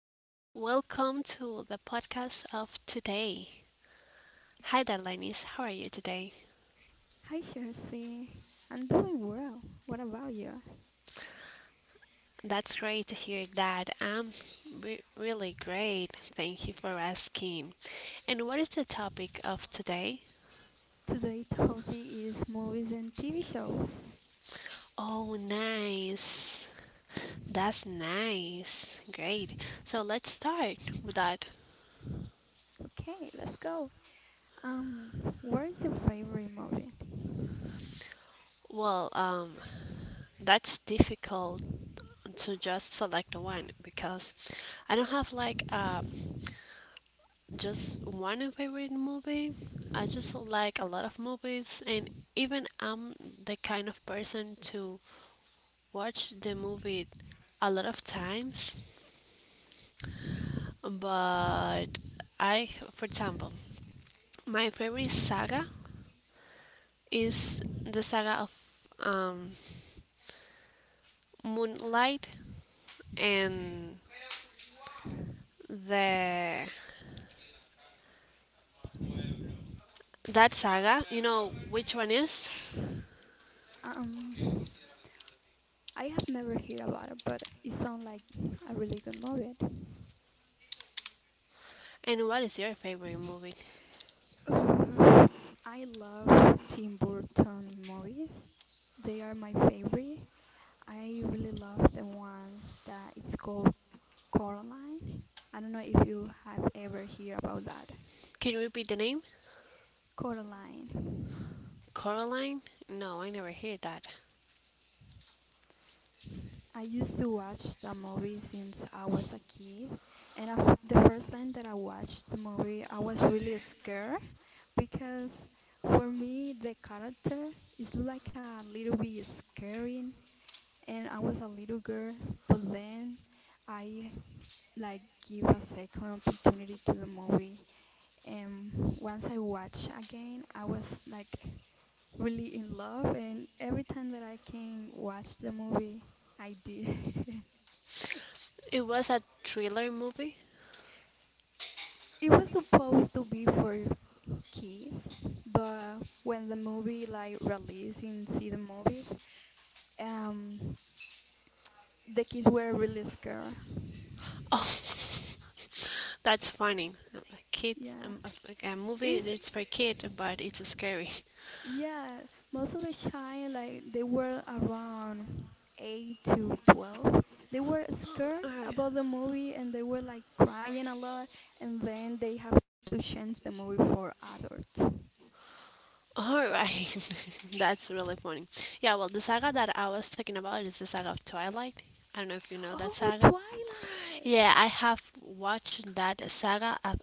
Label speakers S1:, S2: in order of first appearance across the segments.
S1: welcome to the podcast of today. Hi there, Lennis, how are you today?
S2: Hi, Chelsea. I'm doing well. What about you?
S1: That's great to hear that. Really great, thank you for asking. And what is the topic of today?
S2: Today's topic is movies and TV shows.
S1: Oh, nice. That's nice. Great. So, let's start with that.
S2: Okay, let's go. Um, what is your favorite movie?
S1: Well, um, that's difficult to just select one because I don't have just one favorite movie. I just like a lot of movies, and even I'm the kind of person to watch the movie a lot of times. But I, for example, my favorite saga is the saga of um, Moonlight and the that saga. You know which one is,
S2: Um, I have never heard about it, but it sounds like a really good movie.
S1: and what is your favorite movie?
S2: Uh, I love Tim Burton movies. They are my favorite. I really love the one that is called Coraline. I don't know if you have ever heard about that.
S1: Can you repeat the name?
S2: Coraline.
S1: Coraline? No, I never heard that.
S2: I used to watch the movie since I was a kid, and I f the first time that I watched the movie, I was really scared because for me the character is like a little bit scary, and I was a little girl, but then I like give a second opportunity to the movie, and once I watched again, I was like really in love, and every time that I can watch the movie, I did.
S1: It was a thriller movie.
S2: It was supposed to be for kids, but when the movie like released in theater movies, um, the kids were really scared.
S1: Oh, that's funny. A kid,
S2: Yeah,
S1: a, like a movie
S2: it's
S1: that's for kid, but it's scary.
S2: yeah. Most of the child like they were around 8 to 12. They were scared
S1: Alright,
S2: about the movie and they were like crying a lot. And then they have to change the movie for adults.
S1: alright. That's really funny. Yeah, well, the saga that I was talking about is the saga of Twilight. I don't know if you know that
S2: Oh,
S1: saga.
S2: Twilight!
S1: Yeah, I have watched that saga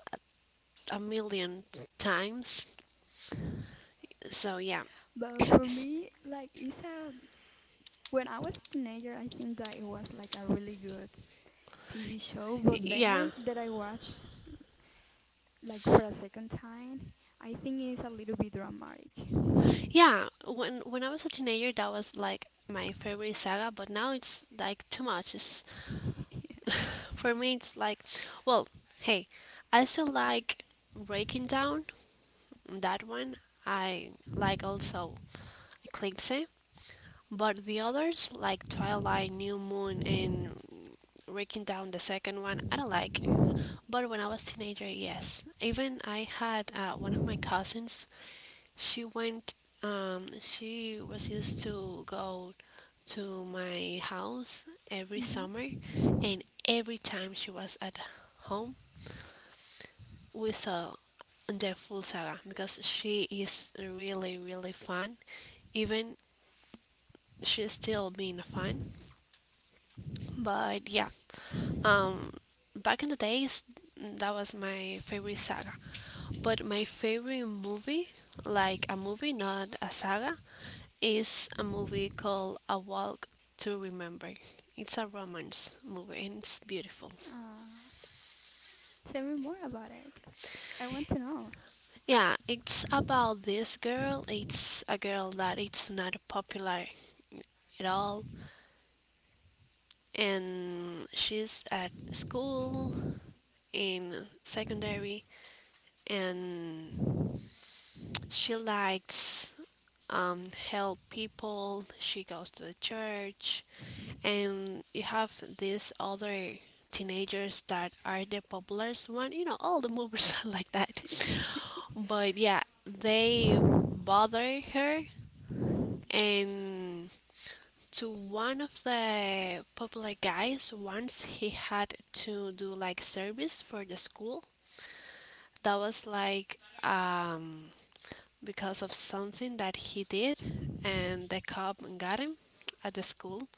S1: a million times. So yeah,
S2: But for me, like, it's a. When I was a teenager, I think that it was like a really good TV show. But
S1: yeah.
S2: then that I watched, like, for a second time, I think it's a little bit dramatic.
S1: Yeah, when I was a teenager, that was like my favorite saga, but now it's like too much. It's, for me, it's like, well, hey, I still like Breaking Down, that one. I like also Eclipse. But the others, like Twilight, New Moon, and Breaking Down, the second one, I don't like it. But when I was teenager, yes. Even I had one of my cousins. She went. She was used to go to my house every summer,
S2: Mm-hmm.
S1: and every time she was at home, we saw the full saga because she is really really fun. Even she's still being fun. But yeah, um, back in the days, that was my favorite saga. But my favorite movie, like a movie, not a saga, is a movie called A Walk to Remember. It's a romance movie and it's beautiful.
S2: Uh, tell me more about it. I want to know.
S1: Yeah, it's about this girl. It's a girl that it's not popular at all and she's at school in secondary and she likes, help people. She goes to the church, and you have these other teenagers that are the popular one. You know, all the movies are like that. But yeah, they bother her, and to one of the popular guys, once he had to do like service for the school. That was like because of something that he did, and the cop got him at the school,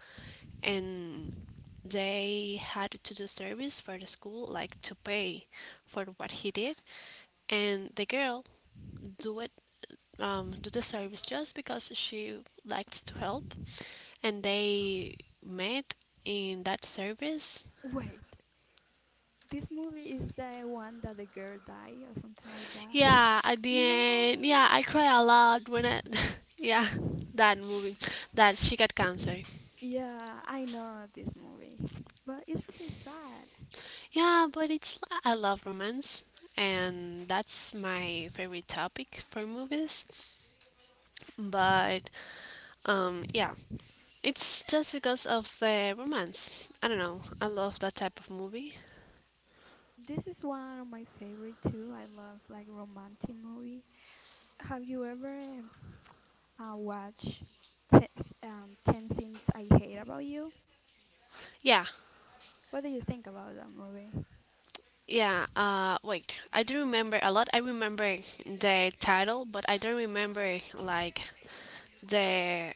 S1: and they had to do service for the school, like to pay for what he did, and the girl do it, do the service just because she likes to help, and they met in that service.
S2: Wait, this movie is the one that the girl died or something like that?
S1: Yeah, at the
S2: No.
S1: end, yeah, I cry a lot yeah, that movie, that she got cancer.
S2: Yeah, I know this movie. But it's really sad.
S1: Yeah, but I love romance and that's my favorite topic for movies. But yeah, it's just because of the romance. I don't know. I love that type of movie.
S2: This is one of my favorite too. I love like romantic movie. Have you ever watched te- Ten Things I Hate About You?
S1: Yeah.
S2: What do you think about that movie?
S1: Yeah, wait. I do remember a lot. I remember the title, but I don't remember like the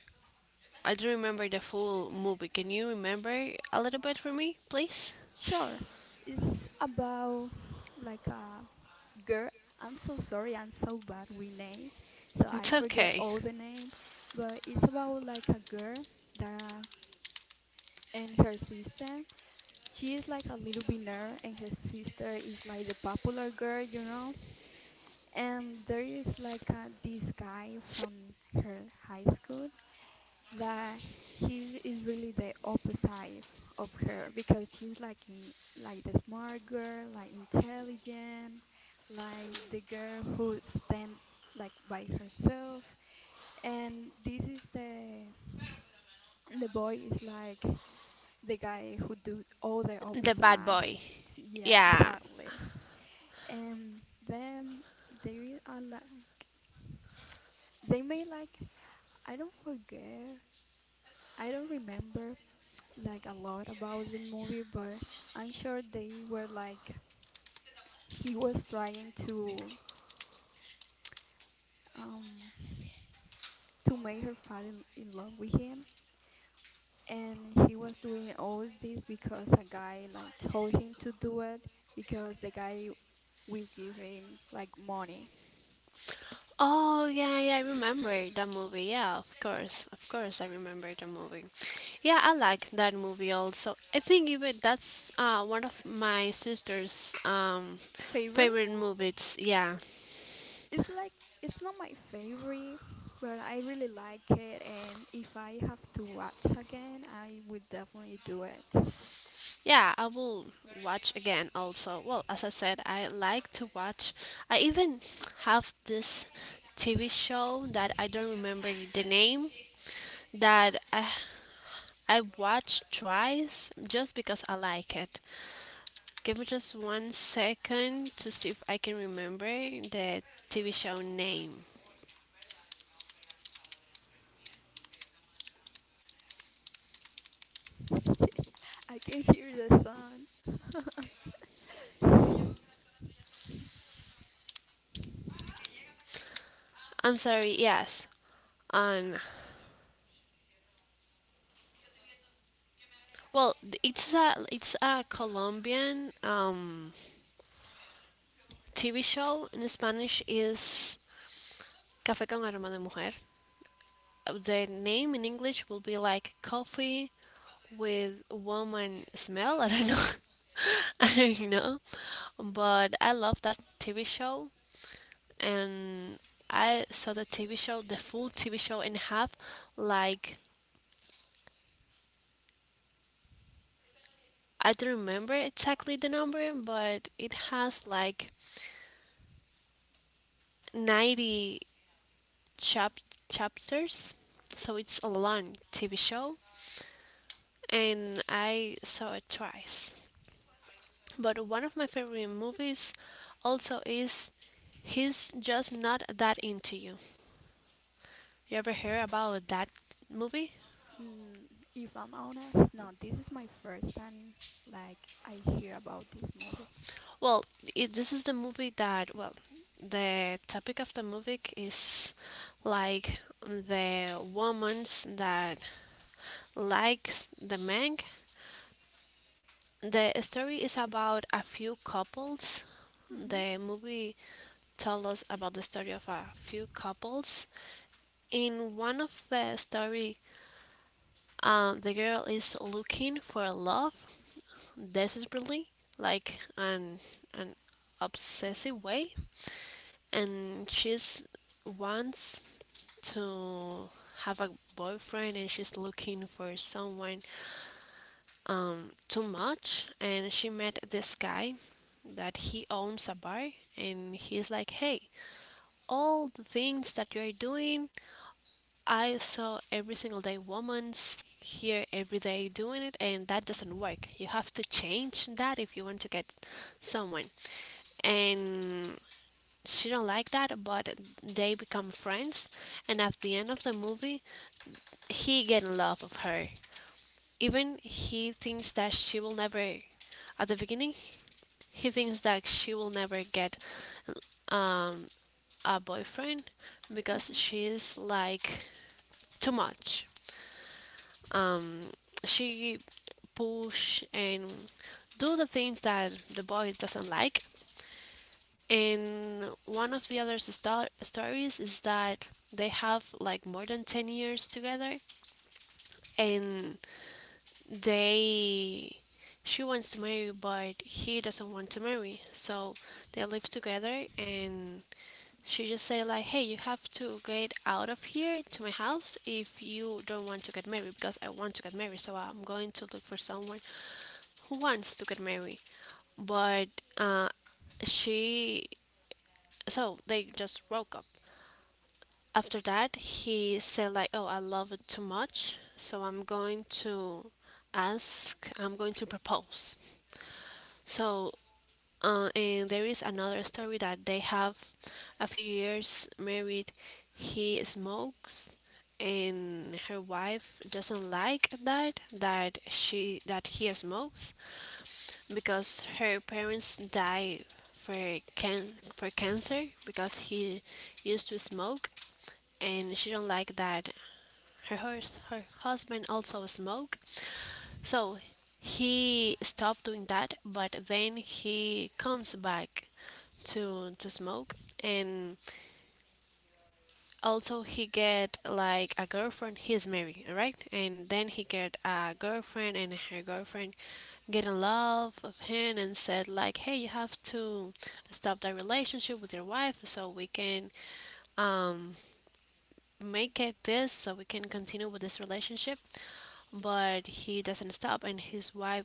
S1: I do remember the full movie. Can you remember a little bit for me, please?
S2: Sure, it's about like a girl. I'm so sorry, I'm so bad with names, so I
S1: It's
S2: forget
S1: okay.
S2: all the names. But it's about like a girl that and her sister. She is like a little bit nerd, and her sister is like the popular girl, you know. And there is like a, this guy from her high school that he is really the opposite of her because she's like in, like the smart girl, like intelligent, like the girl who stand like by herself. And this is the boy is like the guy who do all the
S1: The bad
S2: opposite.
S1: boy.
S2: Yeah,
S1: Yeah.
S2: exactly. And then they are like they made like I don't forget. I don't remember like a lot about the movie, but I'm sure they were like he was trying um to make her fall in love with him, and he was doing all this because a guy like told him to do it because the guy will give him like money.
S1: Oh yeah, yeah, I remember that movie. Yeah, of course, I remember the movie. Yeah, I like that movie also. I think even that's one of my sister's
S2: Favorite
S1: favorite
S2: movie?
S1: movies. Yeah,
S2: It's like it's not my favorite, but I really like it, and if I have to watch again, I would definitely do it.
S1: yeah, I will watch again also. Well, as I said, I like to watch. I even have this TV show that I don't remember the name that I watched twice just because I like it. Give me just 1 second to see if I can remember the TV show name.
S2: I can hear the sun.
S1: I'm sorry. Yes. Um. Well, it's a Colombian TV show. In Spanish is Café con aroma de mujer. The name in English will be like coffee with woman smell. I don't know. I don't know. But I love that TV show. And I saw the TV show, the full TV show, and have like, I don't remember exactly the number, but it has like 90 chap- chapters, so it's a long TV show, and I saw it twice. But one of my favorite movies also is He's Just Not That Into You. You ever hear about that movie?
S2: Mm, if I'm honest, no, this is my first time like I hear about this movie.
S1: Well, this is the movie that, well, the topic of the movie is like the woman's that likes the man. The story is about a few couples.
S2: hmm
S1: The movie told us about the story of a few couples. In one of the story, the girl is looking for love desperately, like an obsessive way, and she's wants to have a boyfriend and she's looking for someone, too much, and she met this guy that he owns a bar and he's like, hey, all the things that you're doing, I saw every single day, woman's here every day doing it, and that doesn't work. You have to change that if you want to get someone. And she don't like that, but they become friends, and at the end of the movie he get in love of her. Even he thinks that she will never. At the beginning, he thinks that she will never get, um, a boyfriend because
S2: hmm
S1: she's like too much. Um, she push and do the things that the boy doesn't like. And one of the other stories is that they have like more than 10 years together and they she wants to marry but he doesn't want to marry, so they live together, and she just say like, hey, you have to get out of here to my house if you don't want to get married because I want to get married, so I'm going to look for someone who wants to get married. But uh, she so they just broke up. After that he said like, oh, I love it too much, so I'm going to ask, I'm going to propose. So, and there is another story that they have a few years married. He smokes, and her wife doesn't like that that she that he smokes because her parents die for cancer because he used to smoke, and she don't like that her, her husband also smoked, so he stopped doing that. But then he comes back to smoke, and also he get like a girlfriend. He's married, right? And then he get a girlfriend, and her girlfriend get in love of him and said like, "Hey, you have to stop that relationship with your wife so we can, um, make it this so we can continue with this relationship." But he doesn't stop, and his wife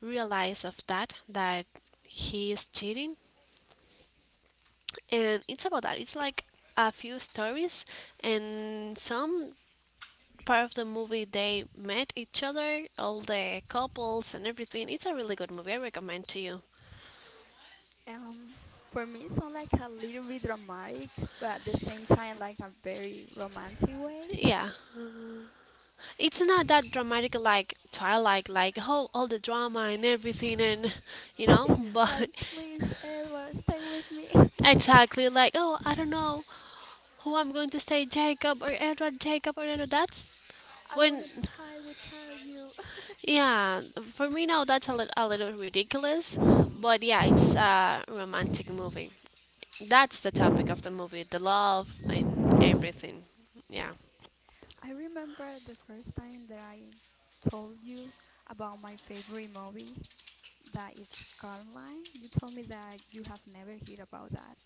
S1: realizes of that he is cheating, and it's about that. It's like a few stories, and some part of the movie they met each other, all the couples, and everything. It's a really good movie, I recommend to you.
S2: Um, for me, it's not like a little bit dramatic, but at the same time, like a very romantic way.
S1: Yeah, it's not that dramatic like Twilight, like oh, all the drama and everything, and you know.
S2: Like,
S1: But
S2: please, Edward, stay with me.
S1: exactly. Like, oh, I don't know who I'm going to say, Jacob or Edward, Jacob or Edward. That's
S2: I
S1: when,
S2: wanna die without you.
S1: yeah, for me now that's a, a little ridiculous, but yeah, it's a romantic movie. That's the topic of the movie, the love and everything. Yeah.
S2: I remember the first time that I told you about my favorite movie. That it's Carmine. You told me that you have never heard about that.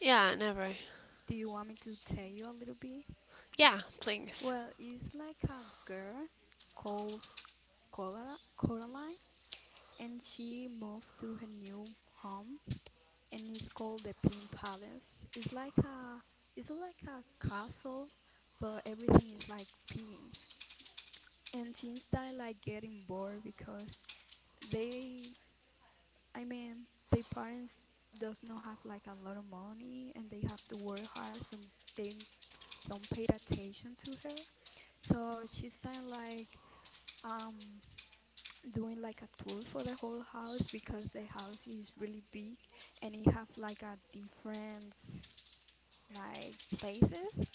S1: Yeah, never.
S2: Do you want me to tell you a little bit?
S1: Yeah, please.
S2: Well, it's like a girl called Coraline, and she moved to her new home, and it's called the Pink Palace. It's like it's like a castle, but everything is like pink. And she started like getting bored because they I mean, their parents does not have like a lot of money and they have to work hard, so they don't pay attention to her. So she started like um doing like a tour for the whole house because the house is really big and it have like a different like places.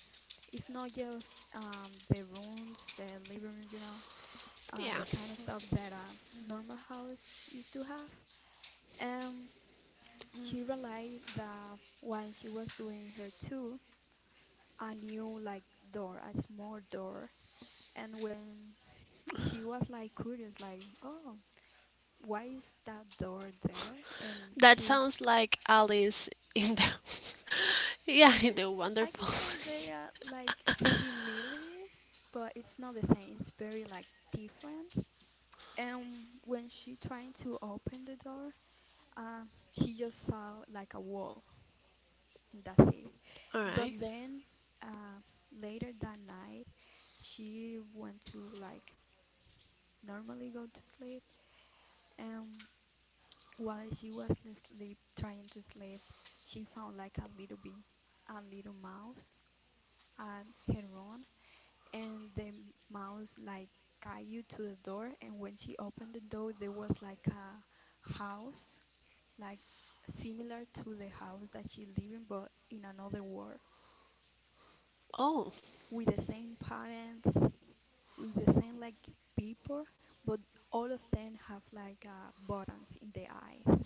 S2: It's not just the rooms, the living room, you know,
S1: Yeah.
S2: the kind of stuff that a normal house used to have. Um, She realized that when she was doing her tour, a new like door, a small door, and when she was like curious, like, oh, why is that door there? And
S1: That
S2: she,
S1: sounds like Alice in the, yeah, in the
S2: I can
S1: wonderful.
S2: say they are like similar, but it's not the same. It's very like different. And when she trying to open the door, she just saw like a wall, and that's it.
S1: All
S2: But
S1: right.
S2: then uh, later that night, she went to like normally go to sleep, and while she was asleep, trying to sleep, she found like a little bee, a little mouse at her own, and the mouse like guided to the door, and when she opened the door, there was like a house, like similar to the house that she live in, but in another world,
S1: Oh,
S2: with the same parents with the same like people, but all of them have like buttons in the eyes,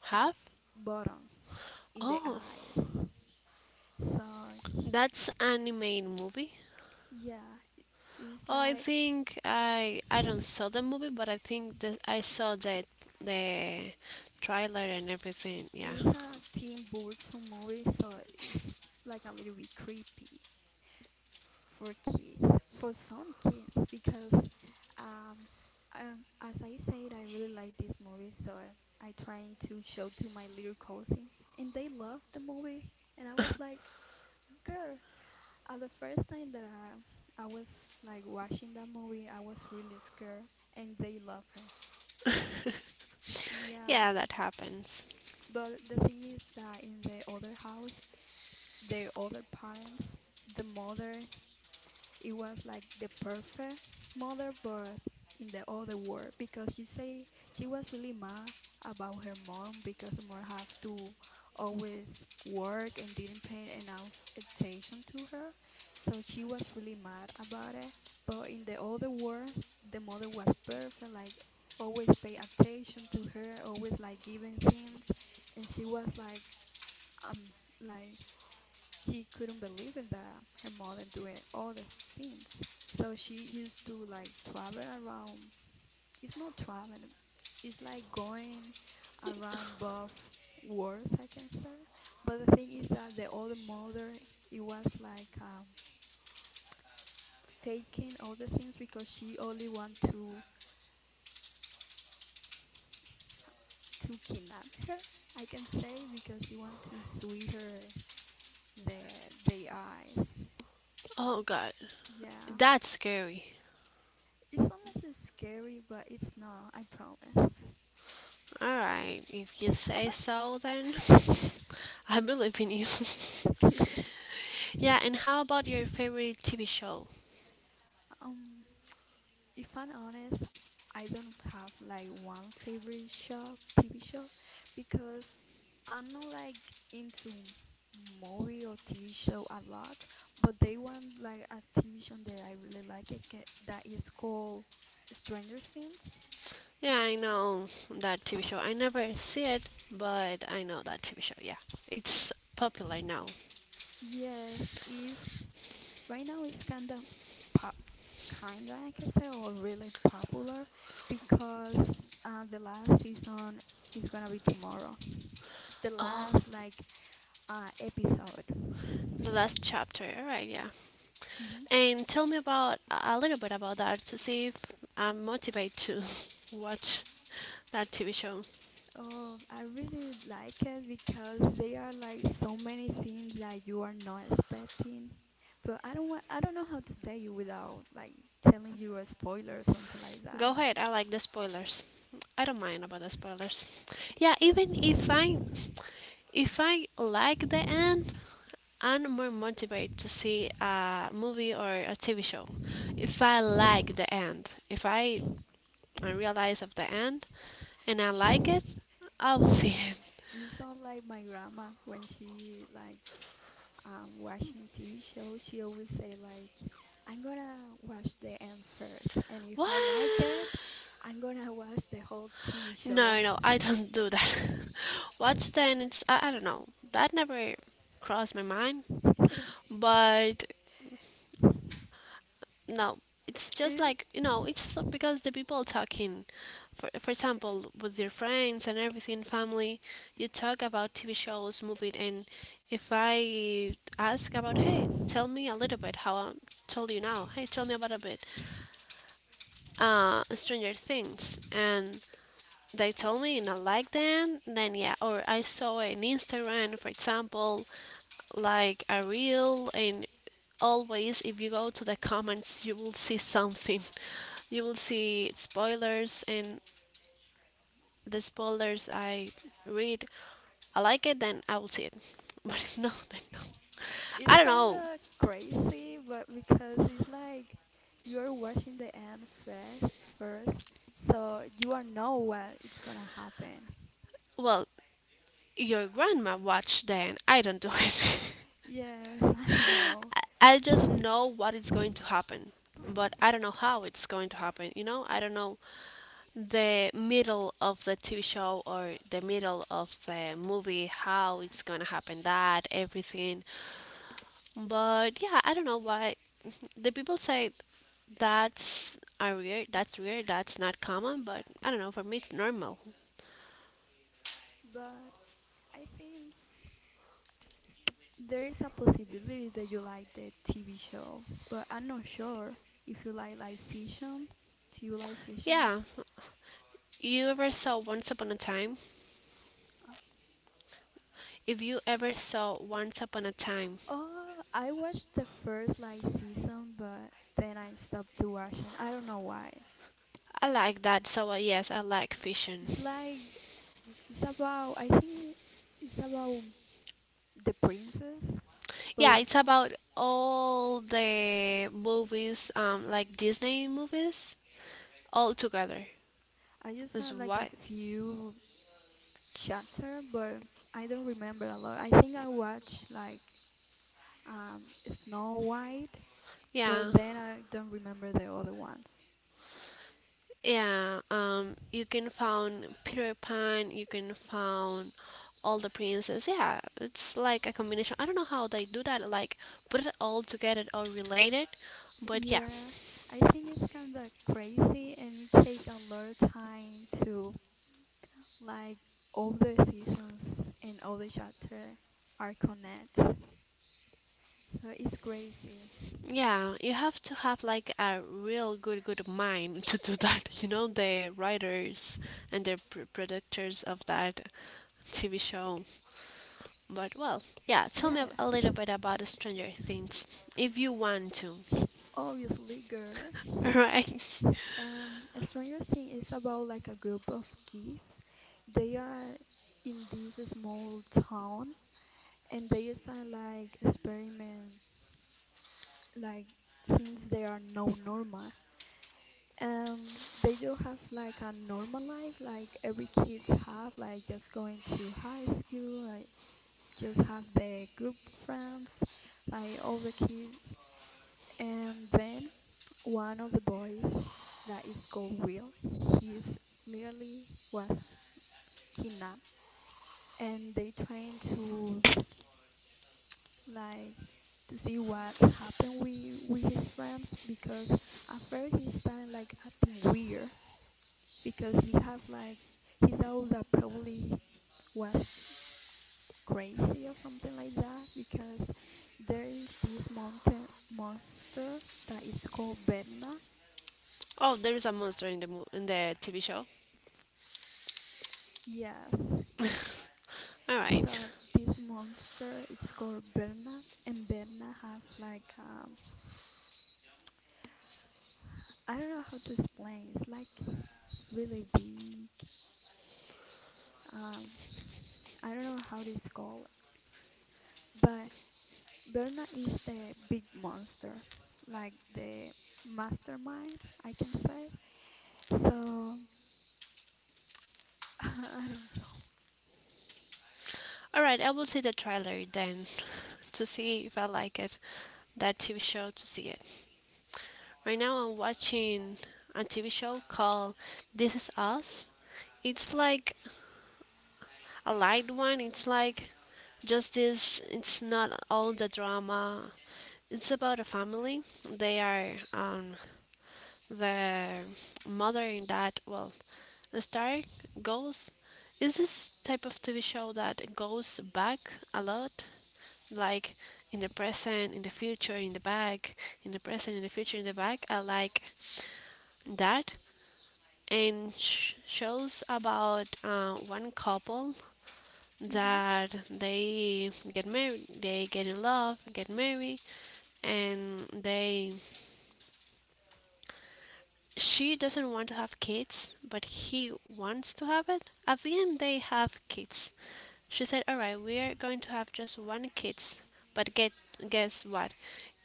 S1: have?
S2: buttons in the
S1: Oh,
S2: eyes. So sh-
S1: that's animated movie.
S2: yeah, it's
S1: Oh, I
S2: like
S1: think I don't saw the movie, but I think that I saw the the trailer and everything. Yeah,
S2: it's a Tim Burton movie, so it's like a little bit creepy for kids, for some kids, because um, as I said, I really like this movie, so I trying to show to my little cousin, and they love the movie, and I was like, girl. The first time that I was like watching that movie, I was really scared, and they love her. Yeah,
S1: yeah, that happens.
S2: but the thing is that in the other house, the other parents, the mother. It was like the perfect mother bird in the other world because she say she was really mad about her mom because mom have to always work and didn't pay enough attention to her. So she was really mad about it. But in the other world, the mother was perfect, like always pay attention to her, always like giving things, and she was um like she couldn't believe it that her mother doing all the scenes. So she used to like travel around. It's not traveling. It's like going around both worlds, I can say. But the thing is that the other mother, it was like faking all the things because she only want to kidnap her, I can say, because she want to sue her the eyes.
S1: Oh God,
S2: Yeah.
S1: that's scary.
S2: It's almost scary, but it's not, I promise.
S1: All right, if you say so, then I believe in you. Yeah, and how about your favorite TV show?
S2: Um, if I'm honest, I don't have like one favorite show, TV show, because I'm not like into movie or TV show a lot, but they want like a TV show that I really like it that is called Stranger Things.
S1: Yeah, I know that TV show. I never see it, but I know that TV show. Yeah, it's popular now.
S2: Yes, is right now it's kind of kinda, I can say, or really popular because the last season is gonna be tomorrow. The
S1: Oh,
S2: last like episode.
S1: the last chapter, right? Yeah.
S2: hmm
S1: And tell me about a little bit about that to see if I'm motivated to watch that TV show.
S2: Oh, I really like it because there are like so many things that you are not expecting. But I don't want, I don't know how to say it without like telling you a spoiler or something like that.
S1: Go ahead. I like the spoilers. I don't mind about the spoilers. Yeah, even
S2: What?
S1: if I like the end, I'm more motivated to see a movie or a TV show. If I like the end, if I I realize of the end, and I like it, I will see it.
S2: You sound like my grandma when she like watching TV shows, she always say like, "I'm gonna watch the end first, and if
S1: What?
S2: I like it, I'm gonna watch the whole TV show."
S1: No, no, I don't do that. Watch then it's I don't know. That never crossed my mind. But no, it's just
S2: It
S1: like, you know, it's because the people talking for example with your friends and everything family, you talk about TV shows, movies, and if I ask about, hey, tell me a little bit how I told you now. Hey, tell me about a bit. Stranger Things, and they told me and I like them, then yeah. Or I saw an Instagram, for example, like a reel, and always if you go to the comments, you will see something. You will see spoilers, and the spoilers I read, I like it, then I will see it. But if no, then no.
S2: it's
S1: I don't
S2: kind
S1: know.
S2: of crazy, but because it's like you're watching the end first, so you don't know what it's gonna happen.
S1: Well, your grandma watched then. I don't do it.
S2: Yes, I know,
S1: I just know what is going to happen, but I don't know how it's going to happen. I don't know the middle of the TV show or the middle of the movie, how it's gonna happen, that everything. But yeah, I don't know why the people say that's a rare, that's not common. But I don't know, for me it's normal.
S2: but I think there is a possibility that you like the TV show, but I'm not sure if you like fiction. Do you like fictions?
S1: Yeah, you ever saw Once Upon a Time?
S2: Uh,
S1: If you ever saw Once Upon a Time,
S2: Oh, I watched the first like season, but then I stopped to watching. I don't know why.
S1: I like that. So yes, I like fiction.
S2: It's like it's about I think it's about the princess,
S1: Yeah,
S2: but
S1: it's about all the movies, like Disney movies all together.
S2: I just saw
S1: That's
S2: like a
S1: why.
S2: few chapter, but I don't remember a lot. I think I watched like Snow White, but
S1: Yeah,
S2: then I don't remember the other ones.
S1: yeah. You can find Peter Pan. You can find all the princess. Yeah, it's like a combination. I don't know how they do that. Like put it all together or related. But yeah,
S2: Yeah, I think it's kind of crazy and it take a lot of time to like all the seasons and all the chapter are connect. So it's crazy.
S1: yeah. You have to have like a real good mind to do that. The writers and the producers of that TV show. But well, yeah. Tell me
S2: Yeah,
S1: a little bit about Stranger Things if you want to.
S2: sh- obviously, girl.
S1: All right.
S2: Stranger Things is about like a group of kids. They are in this small town and they start like experiment like things they are not normal. They just have like a normal life, like every kids have, like just going to high school, like just have the group friends, like all the kids. And then one of the boys that is called Will, he's literally was kidnapped, and they trying to like to see what happened with his friends because at first he started like acting weird because he have like he thought that probably was crazy or something like that because there is this mountain monster that is called Bernard.
S1: Oh, there is a monster in the in the TV show.
S2: Yes.
S1: All right.
S2: So this monster it's called Bernard and Bernard have like I don't know how to explain. It's like really big. Um I don't know how it is called, but Berna is the big monster, like the mastermind, I can say. So, I don't know.
S1: All right. I will see the trailer then to see if I like it. That TV show to see it. Right now I'm watching a TV show called This Is Us. It's like a light one. It's like just this. It's not all the drama. It's about a family. They are the mother and dad. Well, The Star goes is this type of TV show that goes back a lot, like in the present, in the future, in the back, in the present, in the future, in the back. I like that. And shows about one couple
S2: Hmm.
S1: that they get married, they get in love, get married, and they she doesn't want to have kids, but he wants to have it. At the end, they have kids. She said, "All right, we are going to have just one kids." But get guess what?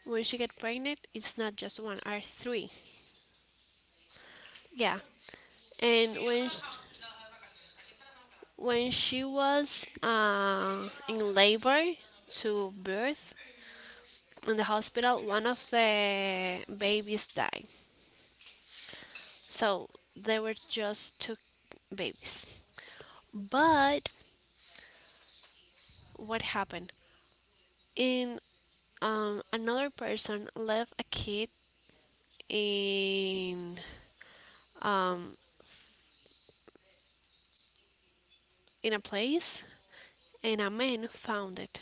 S1: When she get pregnant, it's not just one, are three. Yeah. And when when she was in labor to birth in the hospital, one of the babies died. So there were just two babies. But what happened? And another person left a kid in um, in a place, and a man found it.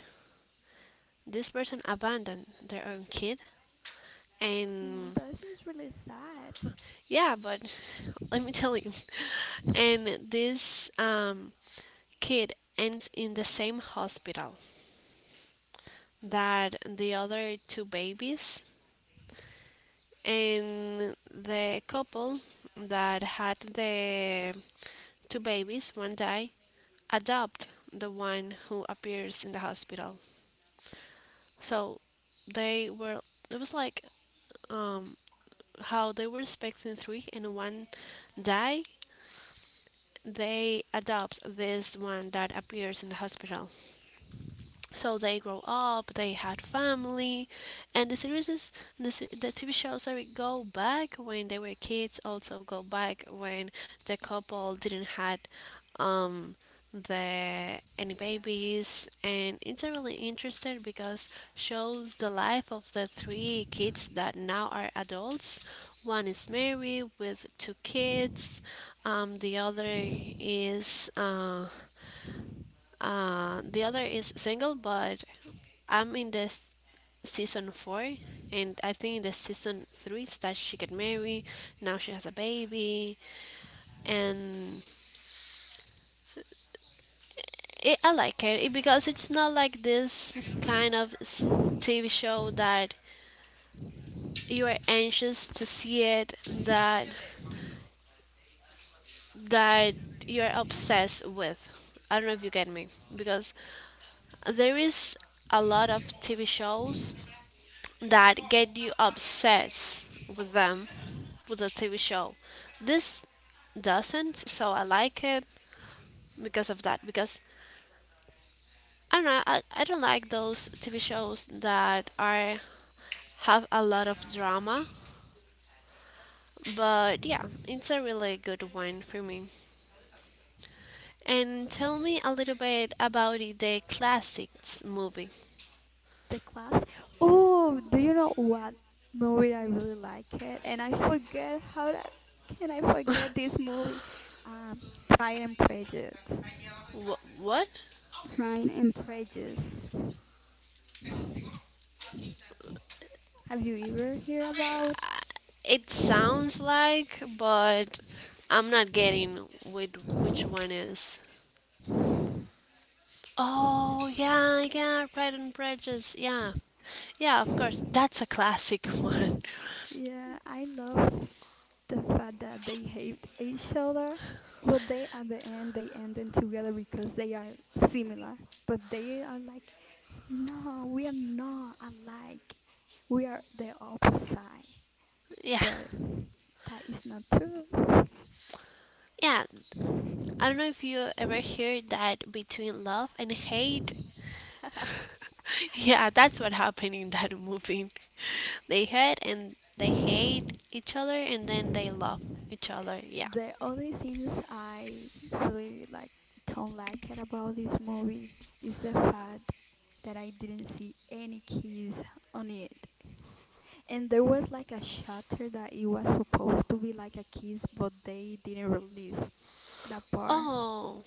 S1: This person abandoned their own kid,
S2: Mm,
S1: and
S2: this is really sad.
S1: yeah, but let me tell you, and this kid ends in the same hospital that the other two babies, and the couple that had the two babies, one died, adopt the one who appears in the hospital. So they were it was like um how they were expecting three and one die, they adopt this one that appears in the hospital. So they grow up, they had family. And the series is the TV shows, sorry, go back when they were kids, also go back when the couple didn't had um the any babies. And it's a really interesting because shows the life of the three kids that now are adults. One is married with two kids. The other is The other is single. But I'm in this season four, and I think in the season three is that she get married. Now she has a baby, and I like it because it's not like this kind of TV show that you are anxious to see it, that that you are obsessed with. I don't know if you get me because there is a lot of TV shows that get you obsessed with them, with the TV show. This doesn't, so I like it because of that. Because I don't know, I don't like those TV shows that are have a lot of drama. But yeah, it's a really good one for me. And tell me a little bit about the classics movie.
S2: The class. Oh, do you know what movie I really like it? And I forget how to, can I forget this movie? Um, Pride and Prejudice.
S1: What?
S2: Prejudice. Have you ever heard about?
S1: It sounds like, but I'm not getting with which one is. Oh, yeah, Pride and Prejudice. Yeah. Yeah, of course. That's a classic one.
S2: Yeah, I love the fact that they hate each other, but they at the end they end in together because they are similar. But they are like, no, we are not alike. We are the opposite.
S1: Yeah.
S2: But that is not true.
S1: Yeah. I don't know if you ever hear that between love and hate. Yeah, that's what happened in that movie. They hate and they hate each other, and then they love each other. Yeah.
S2: The only things I really like don't like it about this movie is the fact that I didn't see any kiss on it. And there was like a shutter that it was supposed to be like a kiss, but they didn't release that part.
S1: Oh,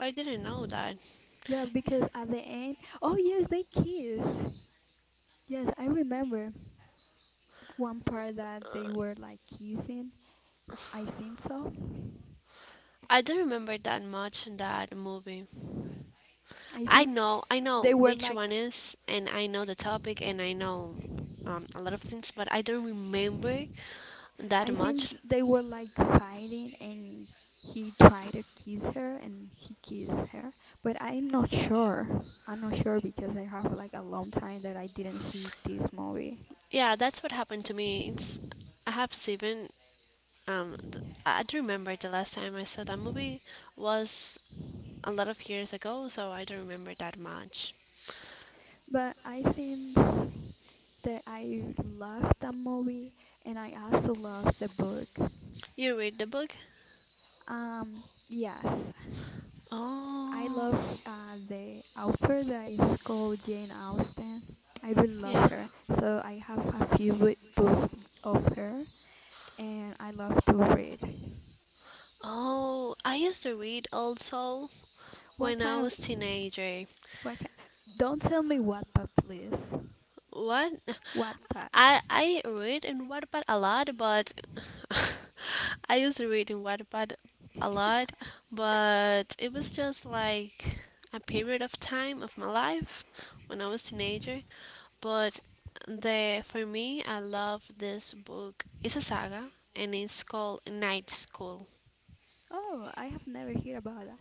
S1: I didn't know that.
S2: Yeah, because at the end, oh yes, they kiss. Yes, I remember one part that they were like kissing. I think so.
S1: I don't remember that much in that movie.
S2: I think
S1: I know
S2: they were
S1: which
S2: like,
S1: one is, and I know the topic, and I know a lot of things, but I don't remember that
S2: I think
S1: much.
S2: they were like fighting, and he tried to kiss her, and he kissed her. But I'm not sure. I'm not sure because I have like a long time that I didn't see this movie.
S1: Yeah, that's what happened to me. It's I have seven. I I don't remember the last time I saw that movie was a lot of years ago, so I don't remember that much.
S2: But I think that I love the movie and I also love the book.
S1: You read the book?
S2: Yes, I
S1: Oh,
S2: love the author that is called Jane Austen. I really love
S1: yeah.
S2: her. So I have a few books of her and I love to read.
S1: Oh, I used to read also
S2: What
S1: when
S2: kind
S1: I
S2: of
S1: was teenager.
S2: what ki don't tell me Wattpad please.
S1: What?
S2: Wattpad.
S1: I read in Wattpad a lot, but I used to read in Wattpad a lot, but it was just like a period of time of my life when I was teenager. But the for me, I love this book. It's a saga, and it's called Night School.
S2: Oh, I have never heard about that.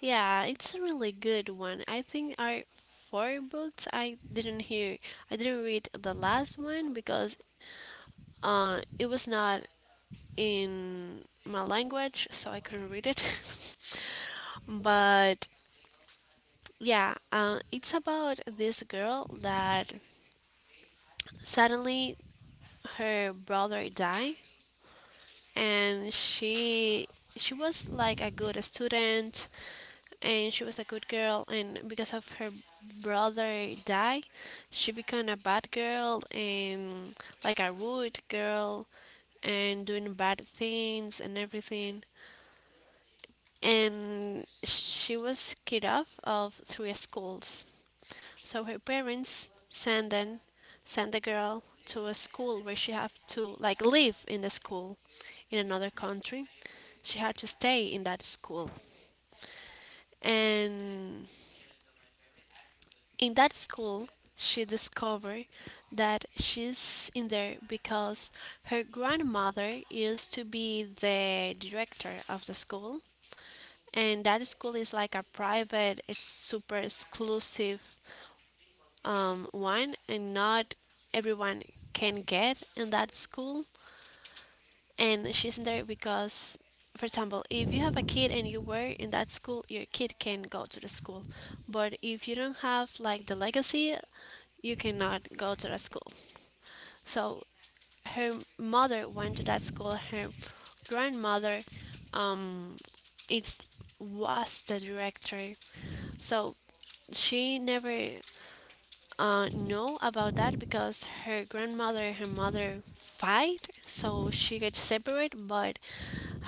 S1: Yeah, it's a really good one. I think our four books I didn't read the last one because it was not in my language, so I couldn't read it. But yeah, it's about this girl that suddenly her brother died, and she was like a good student, and she was a good girl, and because of her brother die, she became a bad girl and like a rude girl, and doing bad things and everything. And she was kicked off of three schools. So her parents send the girl to a school where she have to like live in the school in another country. She had to stay in that school, and in that school she discovered that she's in there because her grandmother used to be the director of the school. And that school is like a private, it's super exclusive one, and not everyone can get in that school. And she's in there because, for example, if you have a kid and you were in that school, your kid can go to the school, but if you don't have like the legacy, you cannot go to the school. So her mother went to that school, her grandmother um, it was the director. So she never know about that because her grandmother and her mother fight, so she gets separated. But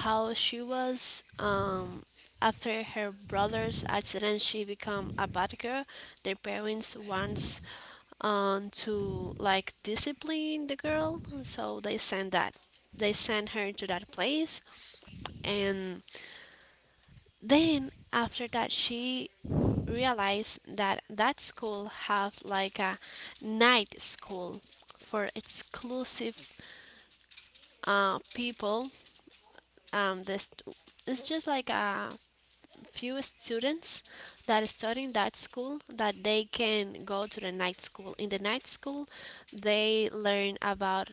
S1: how she was after her brother's accident, she become a bad girl. Their parents wants to like discipline the girl, so they send that. They send her to that place, and then after that she realized that that school have like a night school for exclusive people. This it's just like a few students that study in that school that they can go to the night school. In the night school, they learn about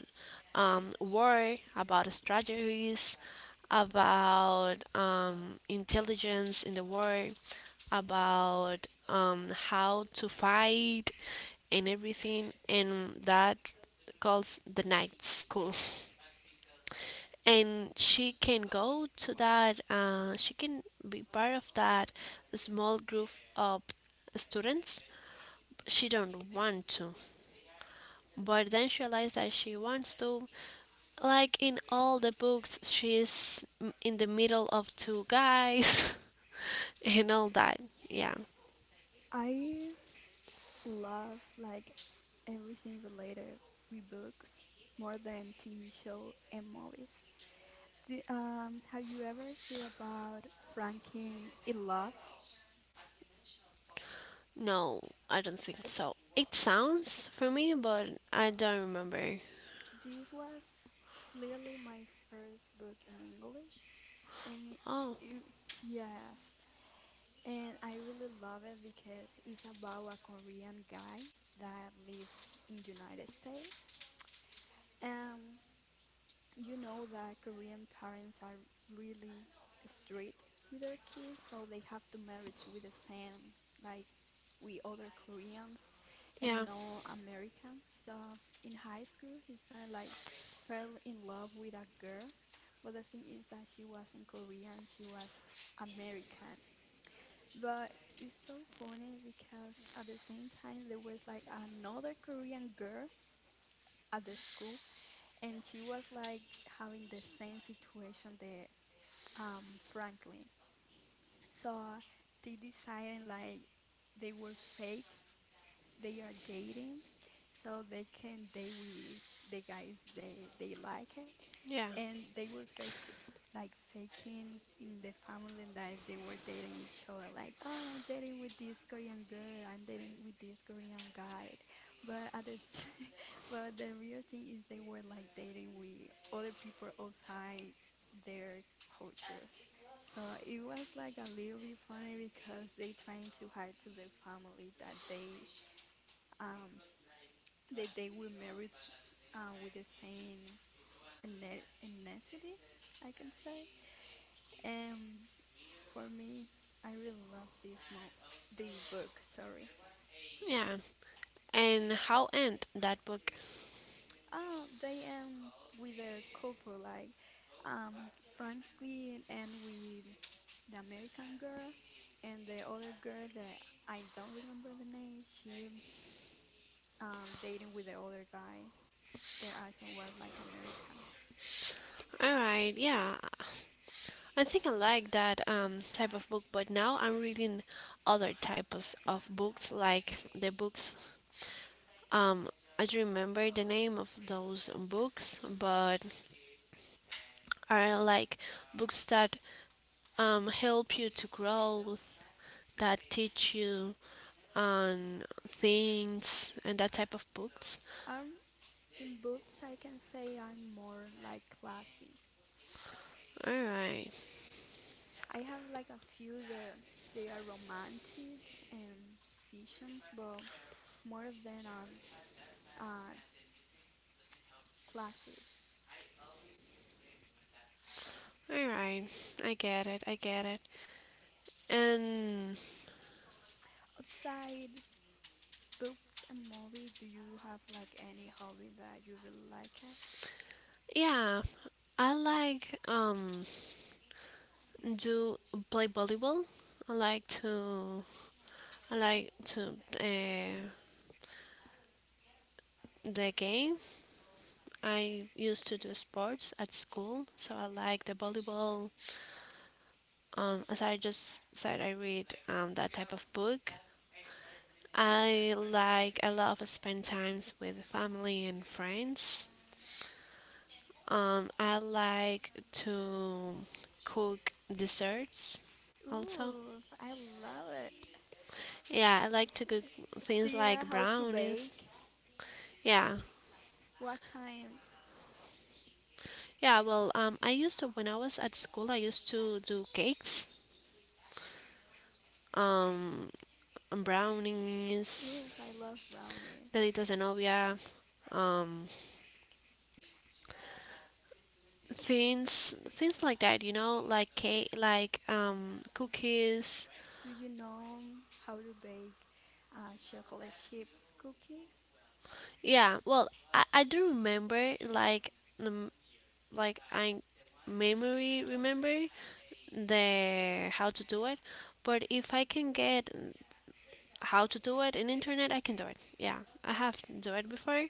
S1: war, about strategies, about intelligence in the war, about how to fight and everything, and that calls the night school. And she can go to that, she can be part of that small group of students. She don't want to, but then she realized that she wants to. Like in all the books, she's in the middle of two guys and all that, yeah.
S2: I love like everything related with books more than TV show and movies. Have you ever heard about Franklin in Love?
S1: No, I don't think so. It sounds for me, but I don't remember.
S2: This was literally my first book in English, and it,
S1: Oh,
S2: it- yes, and I really love it because it's about a Korean guy that live in United States. Um, You know that Korean parents are really strict with their kids, so they have to marriage with the same like we other Koreans and
S1: yeah,
S2: no Americans. So in high school, he started like fell in love with a girl, but the thing is that she wasn't Korean, she was American. But it's so funny because at the same time there was like another Korean girl at the school and she was like having the same situation that Franklin. So they decided like they were fake. They are dating, so they can date with the guys they like it
S1: yeah,
S2: and they were fake like faking in the family life they were dating each other like oh I'm dating with this Korean girl I'm dating with this Korean guy but at this but the real thing is they were like dating with other people outside their cultures so it was like a little bit funny because they trying to hide to their family um that they were married with the same ethnicity, I can say. Um, for me, I really love this mo the book, sorry.
S1: yeah. And how end that book?
S2: They end with a couple like Franklin and with the American girl and the other girl that I don't remember the name, she dating with the other guy. Their also was like American.
S1: All right, yeah. I think I like that type of book, but now I'm reading other types of books, like the books. Um, I don't remember the name of those books, but are like books that help you to grow, that teach you on things, and that type of books.
S2: Um in books I can say I'm more like classy.
S1: All right,
S2: I have like a few that they are romantic and fictions, but more of them are uh, classic.
S1: all right. I get it. I get it. And
S2: Outside books and movies, do you have like any hobby that you really like it?
S1: yeah, I like do play volleyball. I like to I like to the game. I used to do sports at school, so I like the volleyball. As I just said, I read that type of book. I love to spend times with family and friends. I like to cook desserts also.
S2: Ooh, I love it.
S1: Yeah, I like to cook
S2: Do
S1: things
S2: you know
S1: like
S2: how to
S1: brownies.
S2: bake?
S1: Yeah.
S2: What kind?
S1: Yeah, well, I used to, when I was at school, I used to do cakes, um, and
S2: Ooh,
S1: brownies,
S2: I love brownies.
S1: deditos de novia, um, things like that, you know, like cake, like, cookies.
S2: Do you know how to bake chocolate chips cookie?
S1: Yeah, well, I do remember, um, like I memory remember the how to do it, but if I can get how to do it in internet, I can do it. Yeah, I have do it before.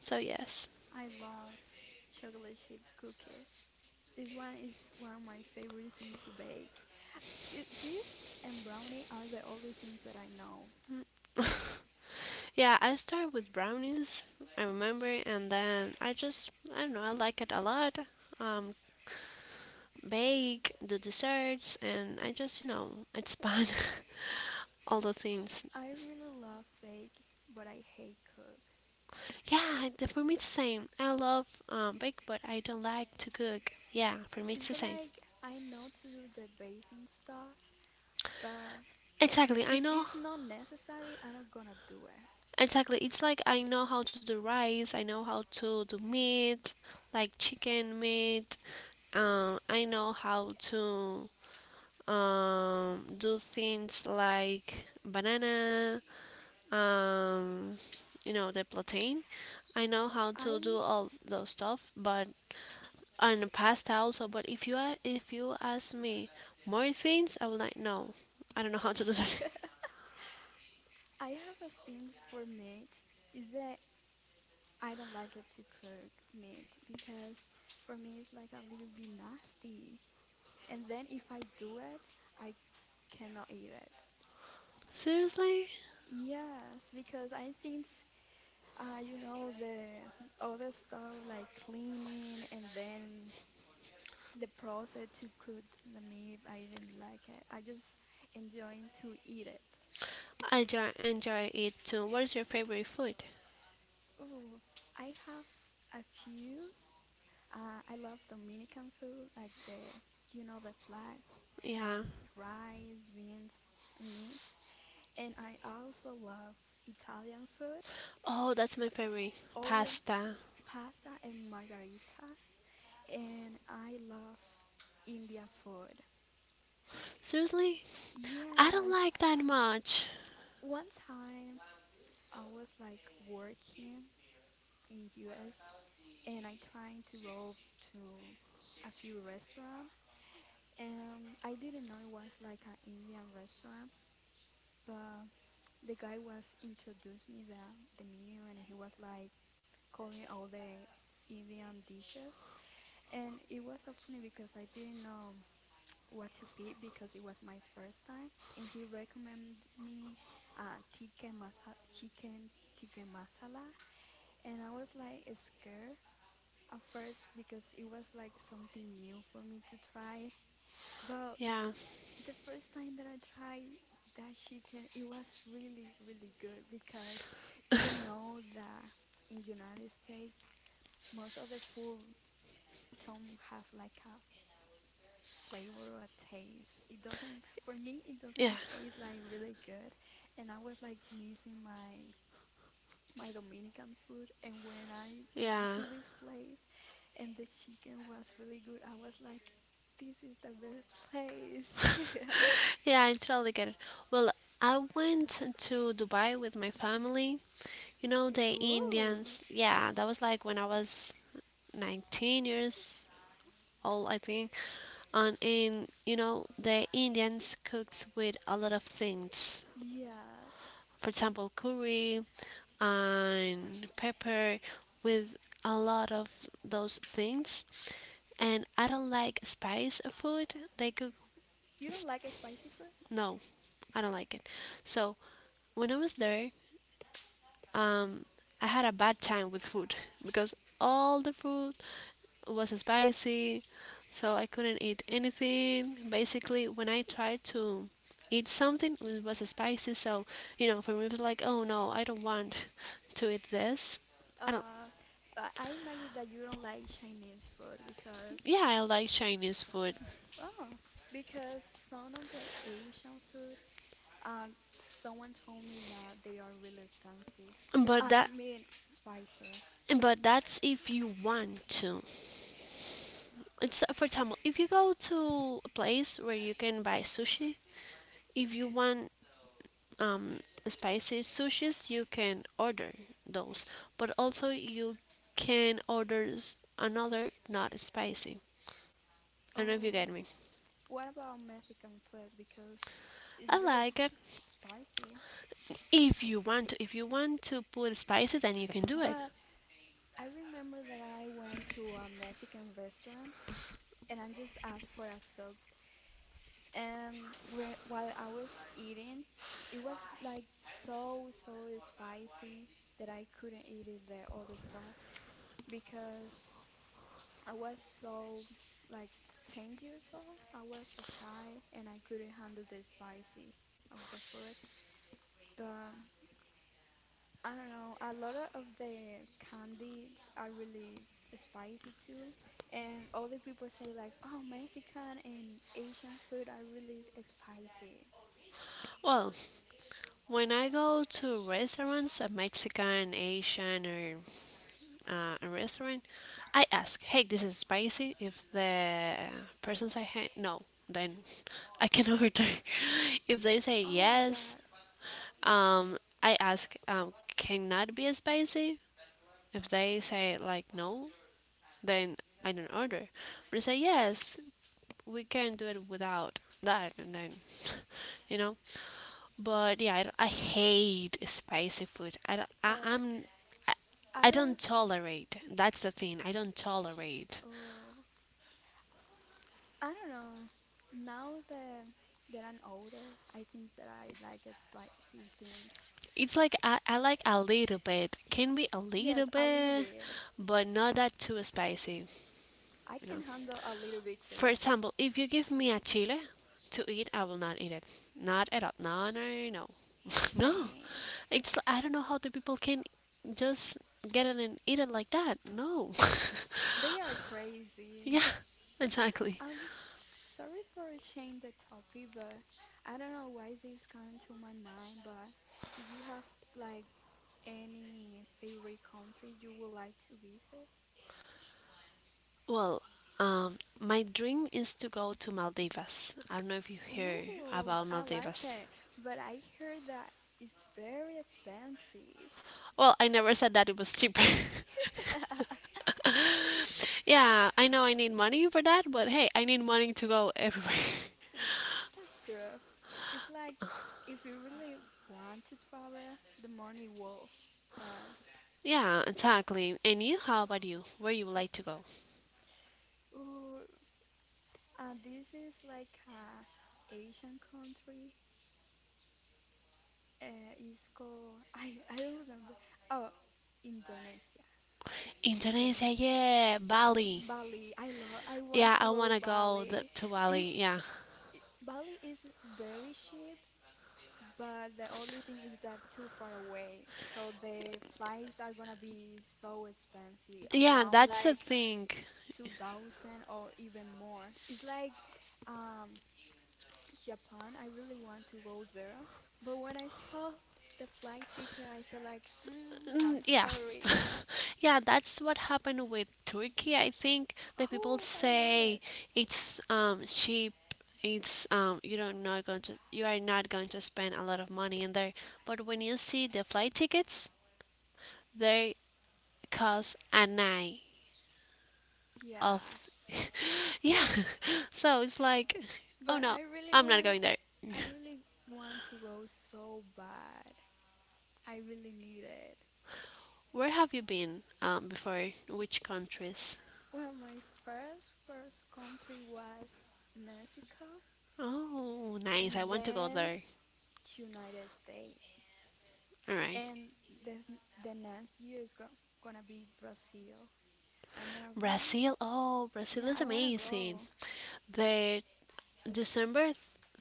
S1: So yes.
S2: I love chocolate chip cookies. This one is one of my favorite things to bake. It, this and brownie are the only things that I know.
S1: Yeah, I start with brownies, I remember, and then I don't know, I like it a lot. Um Bake, do desserts and I just, it's fun. all the things.
S2: I really love bake, but I hate cook.
S1: Yeah, for me it's the same. I love bake, but I don't like to cook. Yeah, for me
S2: It's
S1: it's the same.
S2: like I know to do the basic stuff, but
S1: Exactly.
S2: if
S1: I
S2: it's
S1: know.
S2: not necessary, I'm not gonna do it.
S1: Exactly. It's like I know how to do rice, I know how to do meat, like chicken meat. I know how to do things like banana, um, the plantain. I know how
S2: I
S1: to do all those stuff, but and pasta also. But if if you ask me more things, I would like no, I don't know how to do that.
S2: yeah, I have a thing for meat is that I don't like it to cook meat because for me it's like a little bit nasty. And then if I do it, I cannot eat it.
S1: Seriously,
S2: Yes, because I think, you know, the other stuff like cleaning and then the process to cook the meat, I didn't like it. I just enjoying to eat it.
S1: I enjoy it too. What is your favorite food?
S2: Ooh, I have a few. I love Dominican food, like the, you know, the flat,
S1: Yeah.
S2: rice, beans, meat. And I also love Italian food
S1: Oh, that's my favorite.
S2: all
S1: Pasta.
S2: pasta and margaritas, and I love India food.
S1: Seriously? I
S2: Yes,
S1: don't like that much.
S2: one time I was like working in US and I trying to go to a few restaurant and I didn't know it was like an Indian restaurant, but the guy was introduced me the menu and he was like calling all the Indian dishes and it was so funny because I didn't know what to pick because it was my first time, and he recommended me tikka chicken tikka masala, and I was like scared at first because it was like something new for me to try. But
S1: Yeah.
S2: the first time that I tried that chicken, it was really really good because you know that in United States most of the food don't have like a flavor or taste. It doesn't, for me, it doesn't
S1: Yeah.
S2: taste like really good. And I was like missing my Dominican food. And when I went to
S1: Yeah.
S2: this place and the chicken was really good, I was like, this is the best place.
S1: Yeah, I totally get it. Well, I went to Dubai with my family. You know, the
S2: Ooh.
S1: Indians. Yeah, that was like when I was 19 years old, I think. And in, the Indians cooked with a lot of things.
S2: Yes.
S1: For example, curry and pepper with a lot of those things. And I don't like spice food. They cook.
S2: You don't
S1: s-
S2: like spicy food?
S1: No, I don't like it. So when I was there, um, I had a bad time with food because all the food was spicy, so I couldn't eat anything. Basically, when I tried to eat something, it was spicy. So for me, it was like, oh no, I don't want to eat this. I don't.
S2: Uh, but I imagine that you don't like Chinese food because,
S1: Yeah, I like Chinese food,
S2: oh, because some of the Asian food Um, someone told me that they are really expensive. I
S1: but that
S2: mean, spicy.
S1: but that's if you want to. It's for example, if you go to a place where you can buy sushi, if you want um, spicy sushis you can order those, but also you can order another not spicy. I don't know if you
S2: Or
S1: get me.
S2: what about Mexican food? Because it's
S1: I
S2: really
S1: like it.
S2: spicy.
S1: If you want to if you want to put spicy, then you can do it.
S2: But I remember that I went to a Mexican restaurant and I just asked for a soup. And while I was eating, it was like so, so spicy that I couldn't eat it, the other stuff because I was so like 10 years old. I was a child and I couldn't handle the spicy of the food. But I don't know, a lot of the candies are really spicy too. And all the people say like, "Oh, Mexican and Asian food are really spicy."
S1: Well, when I go to restaurants, a Mexican, Asian or a restaurant, I ask, hey, this is spicy? If the person say hey no, then I can order. If they say
S2: Oh my God.
S1: yes. Um, I ask, can that be spicy? If they say like no, then I don't order. But I say yes, we can do it without that, and then. You know. But yeah, I hate spicy food. I don't,
S2: Uh,
S1: I,
S2: I
S1: I
S2: don't
S1: don't tolerate. That's the thing. I don't tolerate.
S2: oh, I don't know. Now that I'm older, I think that I like spicy things.
S1: It's like I like a little bit. Can be a
S2: Yes,
S1: little
S2: a little
S1: bit,
S2: bit.
S1: but not that too spicy.
S2: I can
S1: You know.
S2: handle a little bit too.
S1: For example, if you give me a chile to eat, I will not eat it. Not at all. No, no, no, no. No.
S2: Same.
S1: It's I don't know how the people can just get it and eat it like that. No.
S2: They are crazy.
S1: Yeah, exactly.
S2: Um, sorry for changing the topic, but I don't know why this come to my mind, but do you have like any favorite country you would like to visit?
S1: Well, my dream is to go to Maldivas. I don't know if you hear
S2: Ooh,
S1: about
S2: I like
S1: Maldivas.
S2: it, but I heard that it's very expensive.
S1: Well, I never said that it was cheaper. Yeah, I know I need money for that, but hey, I need money to go everywhere.
S2: W- That's rough. It's like if you really want to travel, the money wolf. So,
S1: Yeah, exactly. And you, how about you? Where you would like to go?
S2: ooh, this is like a Asian country. It's called I don't remember. Oh, Indonesia,
S1: Indonesia,
S2: Indonesia,
S1: yeah, Bali.
S2: Bali. I love. I want to
S1: Yeah, I
S2: go
S1: want to go
S2: Bali.
S1: to
S2: Is
S1: Bali. Yeah.
S2: Bali is very cheap. But the only thing is that too far away, so the flights are gonna be so expensive,
S1: Yeah,
S2: around
S1: that's
S2: like
S1: the thing.
S2: 2000 or even more. It's like um Japan, I really want to go there, but when I saw the flight ticket, I said like, mm, I'm
S1: Mm, yeah.
S2: sorry.
S1: Yeah, that's what happened with Turkey. I think the
S2: Oh,
S1: people
S2: I love it.
S1: say it's cheap. It's you are not going to spend a lot of money in there. But when you see the flight tickets, they cost a night
S2: Yeah,
S1: of. Yeah. So it's like,
S2: but
S1: oh no, I'm not going there.
S2: I really want to go so bad. I really need it.
S1: Where have you been before? Which countries?
S2: Well, my first country was Mexico
S1: Oh,
S2: and
S1: nice. I want to go
S2: then
S1: there.
S2: United States.
S1: All right.
S2: And this the next year is go gonna be Brazil. I'm gonna be
S1: Brazil? Oh,
S2: yeah, I
S1: Brazil is
S2: wanna go.
S1: amazing. The December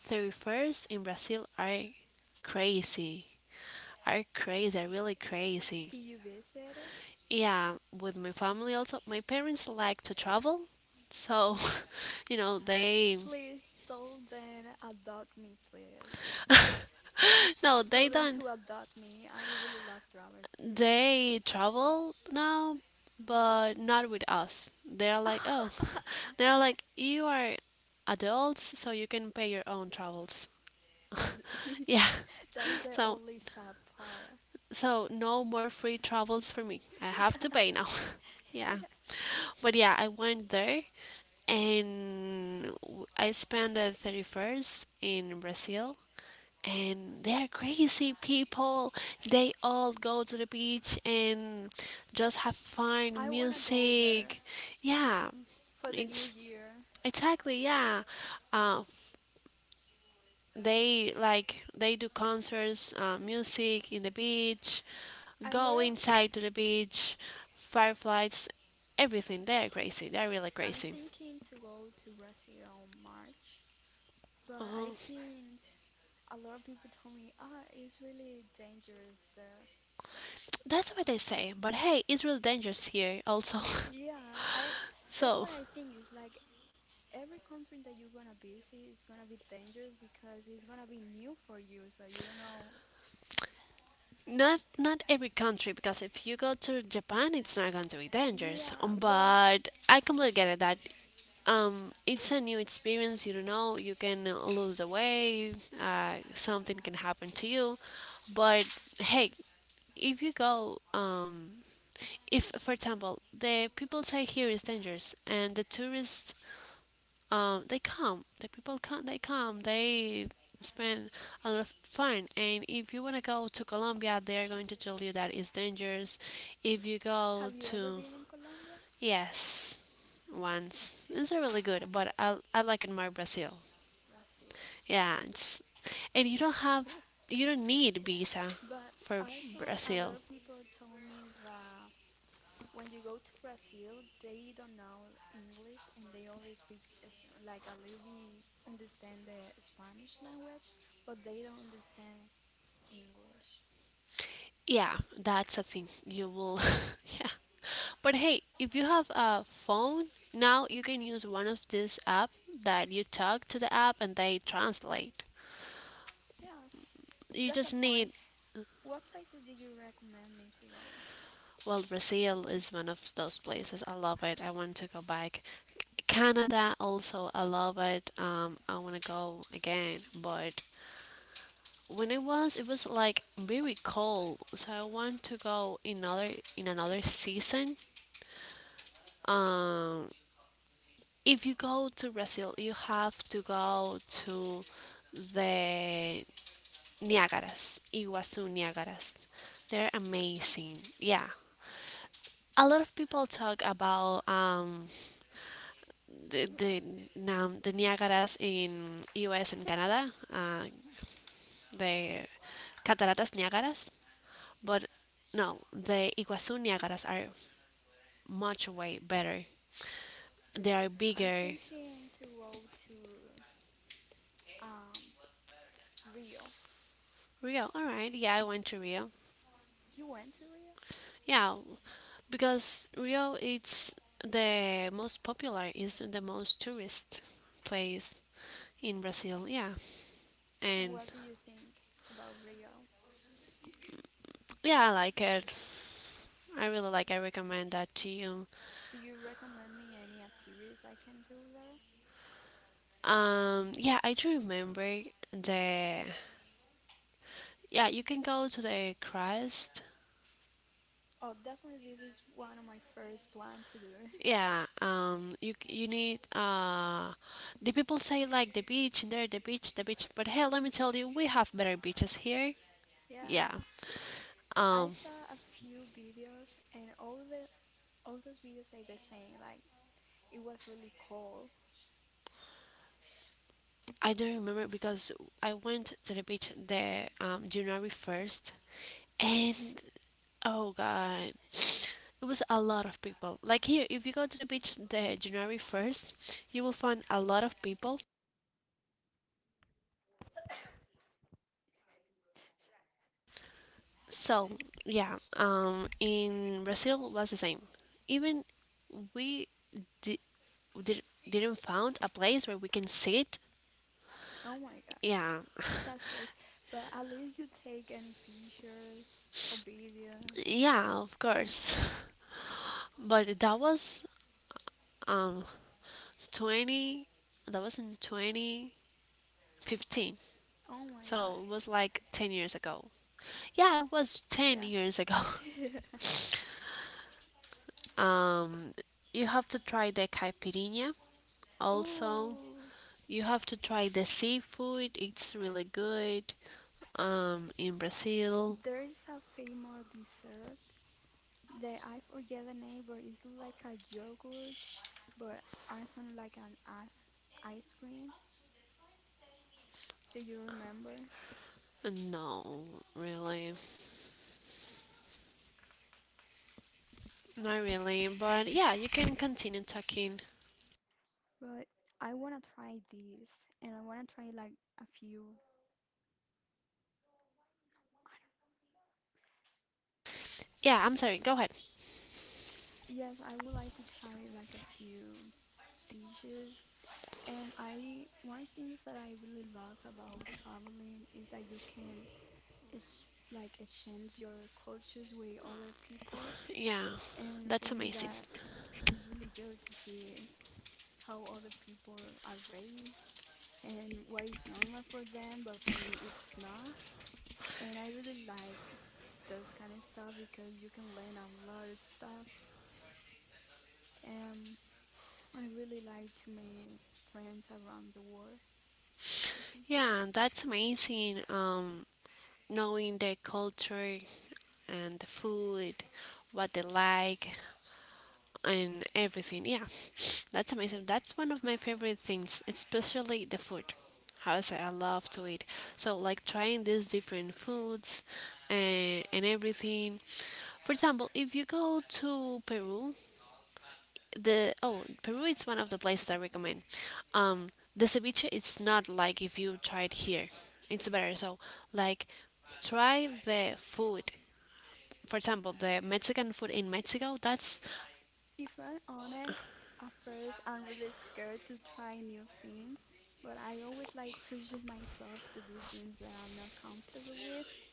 S1: 31st in Brazil are crazy, are crazy, are really
S2: Did
S1: crazy.
S2: you visit?
S1: Yeah, with my family. Also my parents like to travel, so. You know they.
S2: Please tell them adopt me, please.
S1: No,
S2: Tell
S1: they
S2: them to
S1: don't.
S2: adopt me. I really love travel.
S1: They travel now, but not with us. They're like, oh, they're like, you are adults, so you can pay your own travels.
S2: That,
S1: Yeah.
S2: that's the
S1: So,
S2: only sad part.
S1: so, no more free travels for me. I
S2: Yeah.
S1: have to pay now. Yeah. But yeah, I went there and I spent the 31st in Brazil, and they're crazy people. They all go to the beach and just have
S2: I
S1: fun,
S2: wanna go there
S1: music. Yeah,
S2: for the new
S1: it's
S2: year.
S1: exactly, yeah. Uh, they like, they do concerts, music in the beach,
S2: I
S1: go
S2: lo-
S1: inside to the beach, fireflies, everything. They're crazy. They're really
S2: I'm
S1: crazy.
S2: thinking to go to Brazil on March, but I
S1: Uh,
S2: think a lot of people told me, ah, it's really dangerous there.
S1: that's what they say. But hey, it's really dangerous here also.
S2: Yeah, I that's what
S1: So,
S2: I think is like every country that you're gonna visit is gonna be dangerous because it's gonna be new for you, so you don't know.
S1: not every country, because if you go to Japan, it's not going to be dangerous.
S2: Yeah, but
S1: But I completely get it that it's a new experience. You don't know. You can lose a way. Something can happen to you. But hey, if you go, if for example the people say here is dangerous and the tourists, they come. The people come. They come. They spend a lot of fun. And if you want to go to Colombia, they are going to tell you that it's dangerous. If you
S2: have
S1: go
S2: you ever been
S1: to.
S2: in Colombia?
S1: Yes, once it's really good. But I like it more Brazil.
S2: Brazil.
S1: Yeah, and you don't need visa
S2: But
S1: for
S2: also a lot of
S1: Brazil.
S2: people told me that when you go to Brazil, they don't know English and they only speak like a little bit understand the Spanish language, but they don't understand English.
S1: Yeah, that's a thing. You will. Yeah. But hey, if you have a phone, now you can use one of these app that you talk to the app and they translate.
S2: Yes, that's
S1: You
S2: a
S1: just
S2: point.
S1: need,
S2: What places do you recommend me to go?
S1: well, Brazil is one of those places. I love it. I want to go back. Canada also, I love it. I want to go again, but when it was like very cold, so I want to go in another season. Um, if you go to Brazil, you have to go to the Niagaras, Iguazu Niagaras. They're amazing. Yeah. A lot of people talk about the, the, the Niagaras in US and Canada, the Cataratas Niagaras, but no, the Iguazu Niagaras are much way better. They are
S2: I'm
S1: bigger.
S2: thinking to go to um, Rio.
S1: Rio, alright, yeah, I went to Rio.
S2: You went to Rio?
S1: Yeah, because Rio it's the most popular, it's the most tourist place in Brazil. Yeah,
S2: And what do
S1: and
S2: you think about Rio?
S1: yeah, I like it. I really like. I recommend that to you.
S2: Do you recommend me any activities I can do there?
S1: Yeah, I do remember the. Yeah, you can go to the Christ.
S2: Oh, definitely this is one of my first plan to do.
S1: Yeah, you need the people say like the beach, and there the beach, but hey, let me tell you, we have better beaches here.
S2: Yeah,
S1: Yeah,
S2: I
S1: um,
S2: saw a few videos and all those videos say the same, like it was really cold.
S1: I don't remember, because I went to the beach the January 1st, and oh god, it was a lot of people. Like here, if you go to the beach the January 1st, you will find a lot of people. So yeah, in Brazil was the same. Even we di- did, didn't found a place where we can sit.
S2: Oh my god,
S1: Yeah.
S2: that's crazy. But at least you take any pictures or video.
S1: Yeah, of course. But that was um 20, that was in 2015.
S2: Oh my god,
S1: So it was like 10 years ago. Yeah, it was
S2: yeah.
S1: 10 years ago. Um, you have to try the caipirinha also.
S2: Ooh,
S1: You have to try the seafood. It's really good. In Brazil.
S2: there is a famous dessert that I forget the name, but it's like a yogurt, but also like an ice cream. Do you remember?
S1: No, really. Not really. But yeah, you can continue talking.
S2: But I wanna try this, and I wanna try like a few.
S1: Yeah, I'm sorry. Go ahead.
S2: Yes, I would like to try like a few dishes. And I one things that I really love about traveling is that you can ex like exchange your cultures with other people.
S1: Yeah,
S2: And for me,
S1: that's
S2: that
S1: amazing.
S2: is really good to see how other people are raised and what is normal for them, but for me, it's not. And I really like those kind of stuff because you can learn a lot of stuff. Um, I really like to make friends around the world. It's-
S1: Yeah, that's amazing. Knowing the culture and the food, what they like, and everything. Yeah, that's amazing. That's one of my favorite things, especially the food. How I say, I love to eat. So like trying these different foods and everything. For example, if you go to Peru, the oh Peru is one of the places I recommend. Um, the ceviche is not like if you try it here. It's better. So like try the food, for example, the Mexican food in Mexico, that's
S2: If I'm honest, at first I'm really scared to try new things, but I always like pushing myself to do things that I'm not comfortable with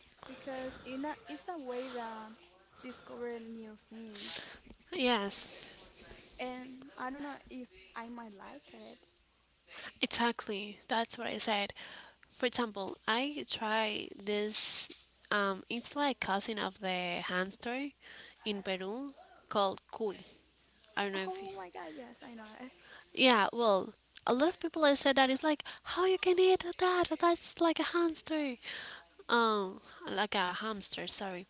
S2: because in a, it's a way that discover new things.
S1: yes,
S2: And I don't know if I might like it.
S1: exactly. That's what I said. For example, I try this. It's like cousin of the hamster in Peru called cuy. I don't know
S2: Oh
S1: if.
S2: my god, yes, I know it.
S1: Yeah, well, a lot of people have said that it's like, how you can eat that? That's like a hamster. Um, like a hamster, sorry.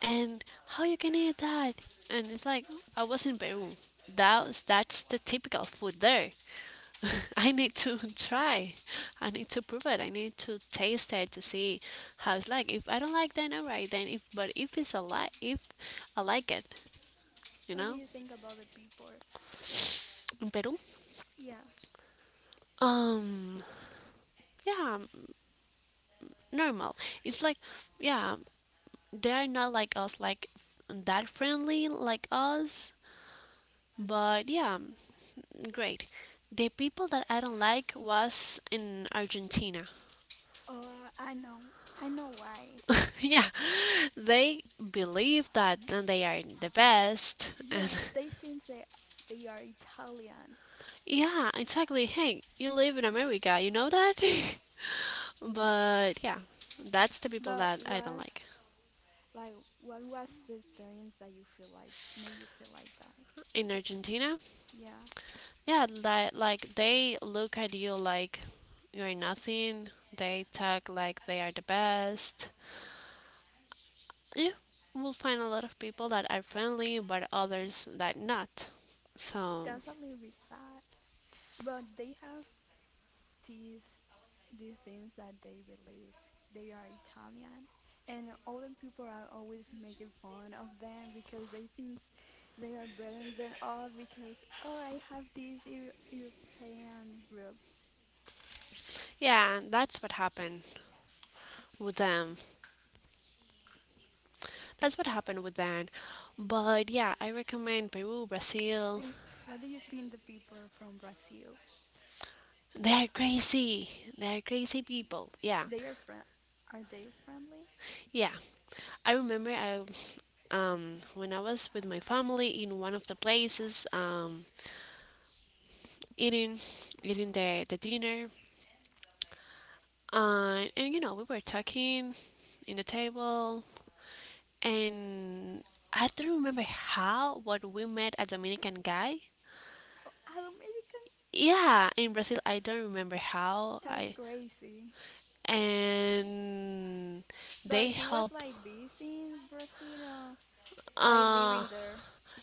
S1: And how you can eat that? And it's like, I was in Peru. That's the typical food there. I need to try. I need to prove it. I need to taste it to see how it's like. If I don't like, then alright. Then if, but if it's a like, if I like it,
S2: What do
S1: you
S2: you
S1: know,
S2: think about the people?
S1: in Peru.
S2: Yes.
S1: Um, yeah, normal. It's like, yeah, they are not like us, like that friendly like us. But yeah, great. The people that I don't like was in Argentina.
S2: Oh, I know. I know why.
S1: Yeah, they believe that they are the best,
S2: Yes, they
S1: and.
S2: think they are Italian.
S1: Yeah, exactly. Hey, you live in America, you know that. But yeah, that's the
S2: But
S1: people that
S2: was
S1: I don't like,
S2: like what was the experience that you feel like made you feel like that?
S1: in Argentina.
S2: Yeah,
S1: Yeah, that like, they look at you like you're nothing. They talk like they are the best. You will find a lot of people that are friendly, but others that not.
S2: that's a
S1: So
S2: little bit sad. But they have these these things that they believe they are Italian, and all the people are always making fun of them because they think they are better than us because oh I have these Euro European roots.
S1: yeah, that's what happened with them. That's what happened with them. But yeah, I recommend Peru,
S2: And
S1: Brazil.
S2: what do you think the people from Brazil?
S1: They are crazy. They are crazy people.
S2: They
S1: Yeah,
S2: are friend. Are they friendly?
S1: yeah. I remember, I when I was with my family in one of the places. Eating eating the dinner, and, you know we were talking in the table, and I don't remember how, but we met a Dominican guy.
S2: Oh, an American?
S1: Yeah, in Brazil, I don't remember how,
S2: That's
S1: I
S2: crazy.
S1: and
S2: But he
S1: they
S2: was
S1: help.
S2: like busy in Brazil, like living
S1: uh
S2: there.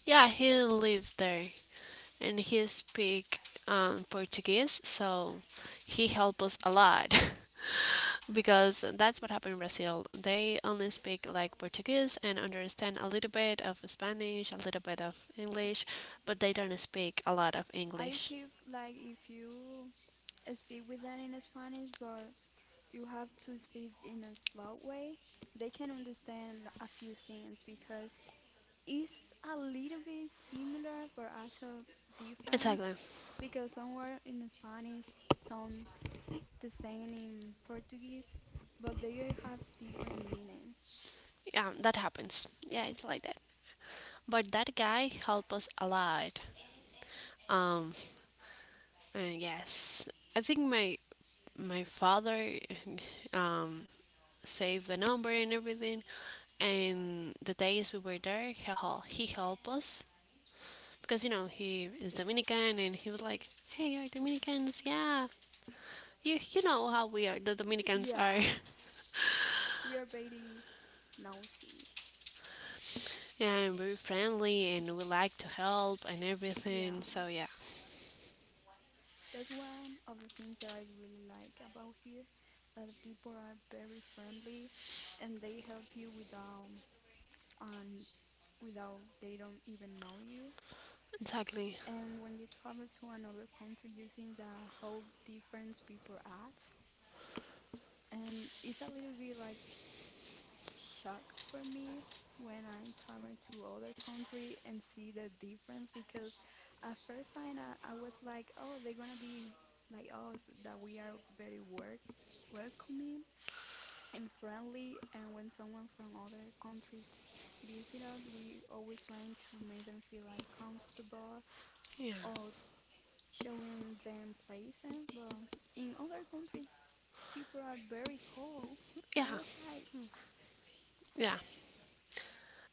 S1: Yeah, he lived there, and he speak Portuguese, so he helped us a lot. Because that's what happened in Brazil. They only speak like Portuguese and understand a little bit of Spanish, a little bit of English, but they don't speak a lot of
S2: I hear
S1: English.
S2: like if you speak with them in Spanish, but you have to speak in a slow way, they can understand l- a few things because it's a little bit similar but also different
S1: Exactly.
S2: because somewhere in Spanish some the same in Portuguese, but they have different meanings.
S1: Yeah, that happens. Yeah, it's like that. But that guy helped us a lot. Um, and yes, I think my father, um, save the number and everything. And the days we were there, he helped us, because you know he is Dominican, and he was like, "Hey, you're Dominicans, yeah." You know how we are. The Dominicans
S2: Yeah,
S1: are.
S2: we are very nosy.
S1: Yeah, and very friendly, and we like to help and
S2: Yeah,
S1: everything, so yeah.
S2: that's one of the things that I really like about here, that the people are very friendly and they help you without um, without they don't even know you.
S1: Exactly.
S2: And when you travel to another country, you see the how different people act, and it's a little bit like shock for me when I travel to other country and see the difference because at first time I was like, oh, they're gonna be like us that we are very work welcoming and friendly and when someone from other countries visit us, we always trying to make them feel like comfortable
S1: Yeah.
S2: or showing them places. But in other countries, people are very cold, and I was
S1: Yeah.
S2: like,
S1: Yeah,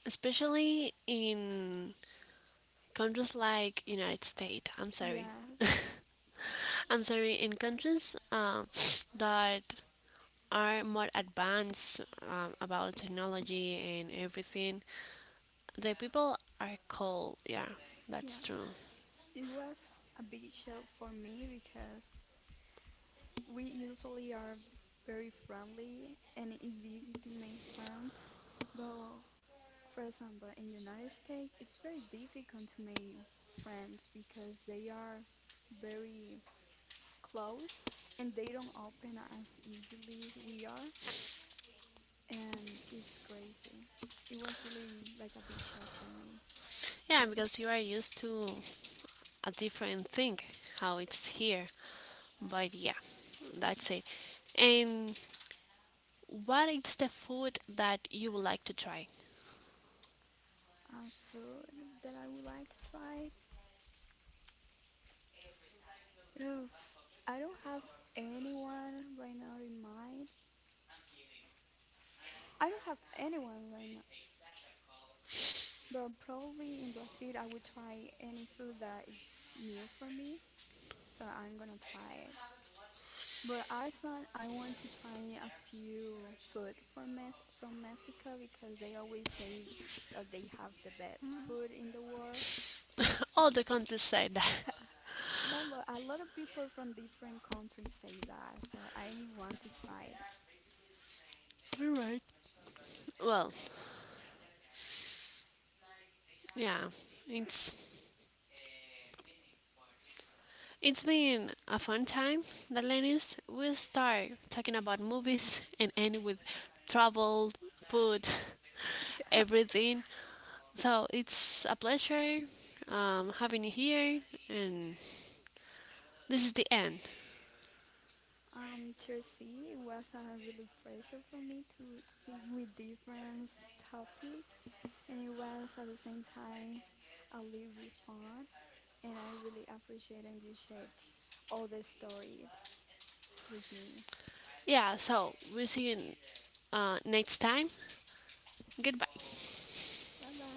S1: especially in countries like United States, I'm
S2: yeah,
S1: sorry. I'm sorry, in countries that are more advanced, about technology and everything, the people are cold. Yeah,
S2: yeah.
S1: that's true.
S2: It was a big shock for me because we usually are very friendly and it's easy to make friends. But for example, in United States, it's very difficult to make friends because they are very close and they don't open as easily as we are. It's crazy. It was really like a big shock for me.
S1: Yeah, because you are used to a different thing, how it's here. But yeah, that's it. And what is the food that you would like to try?
S2: And food that I would like to try Oof, I don't have anyone right now in mind. I don't have anyone right now, but probably in Brazil, I would try any food that is new for me, so I'm gonna try it. But Iceland, I want to try a few food from Mex- from Mexico because they always say that they have the best food in the world.
S1: All the countries say that.
S2: No, but a lot of people from different countries say that, so I want to try
S1: Well, yeah, it's it's been a fun time, the ladies. We'll start talking about movies and end with travel, food,
S2: it.
S1: everything. So it's a pleasure having you here, and this is the end.
S2: Tier C, it was a really pressure for me to speak with different topic, and it was at the same time a little bit fun, and I really appreciate and you shared all the story with me.
S1: Yeah, so we'll see you next time. Goodbye.
S2: Bye bye.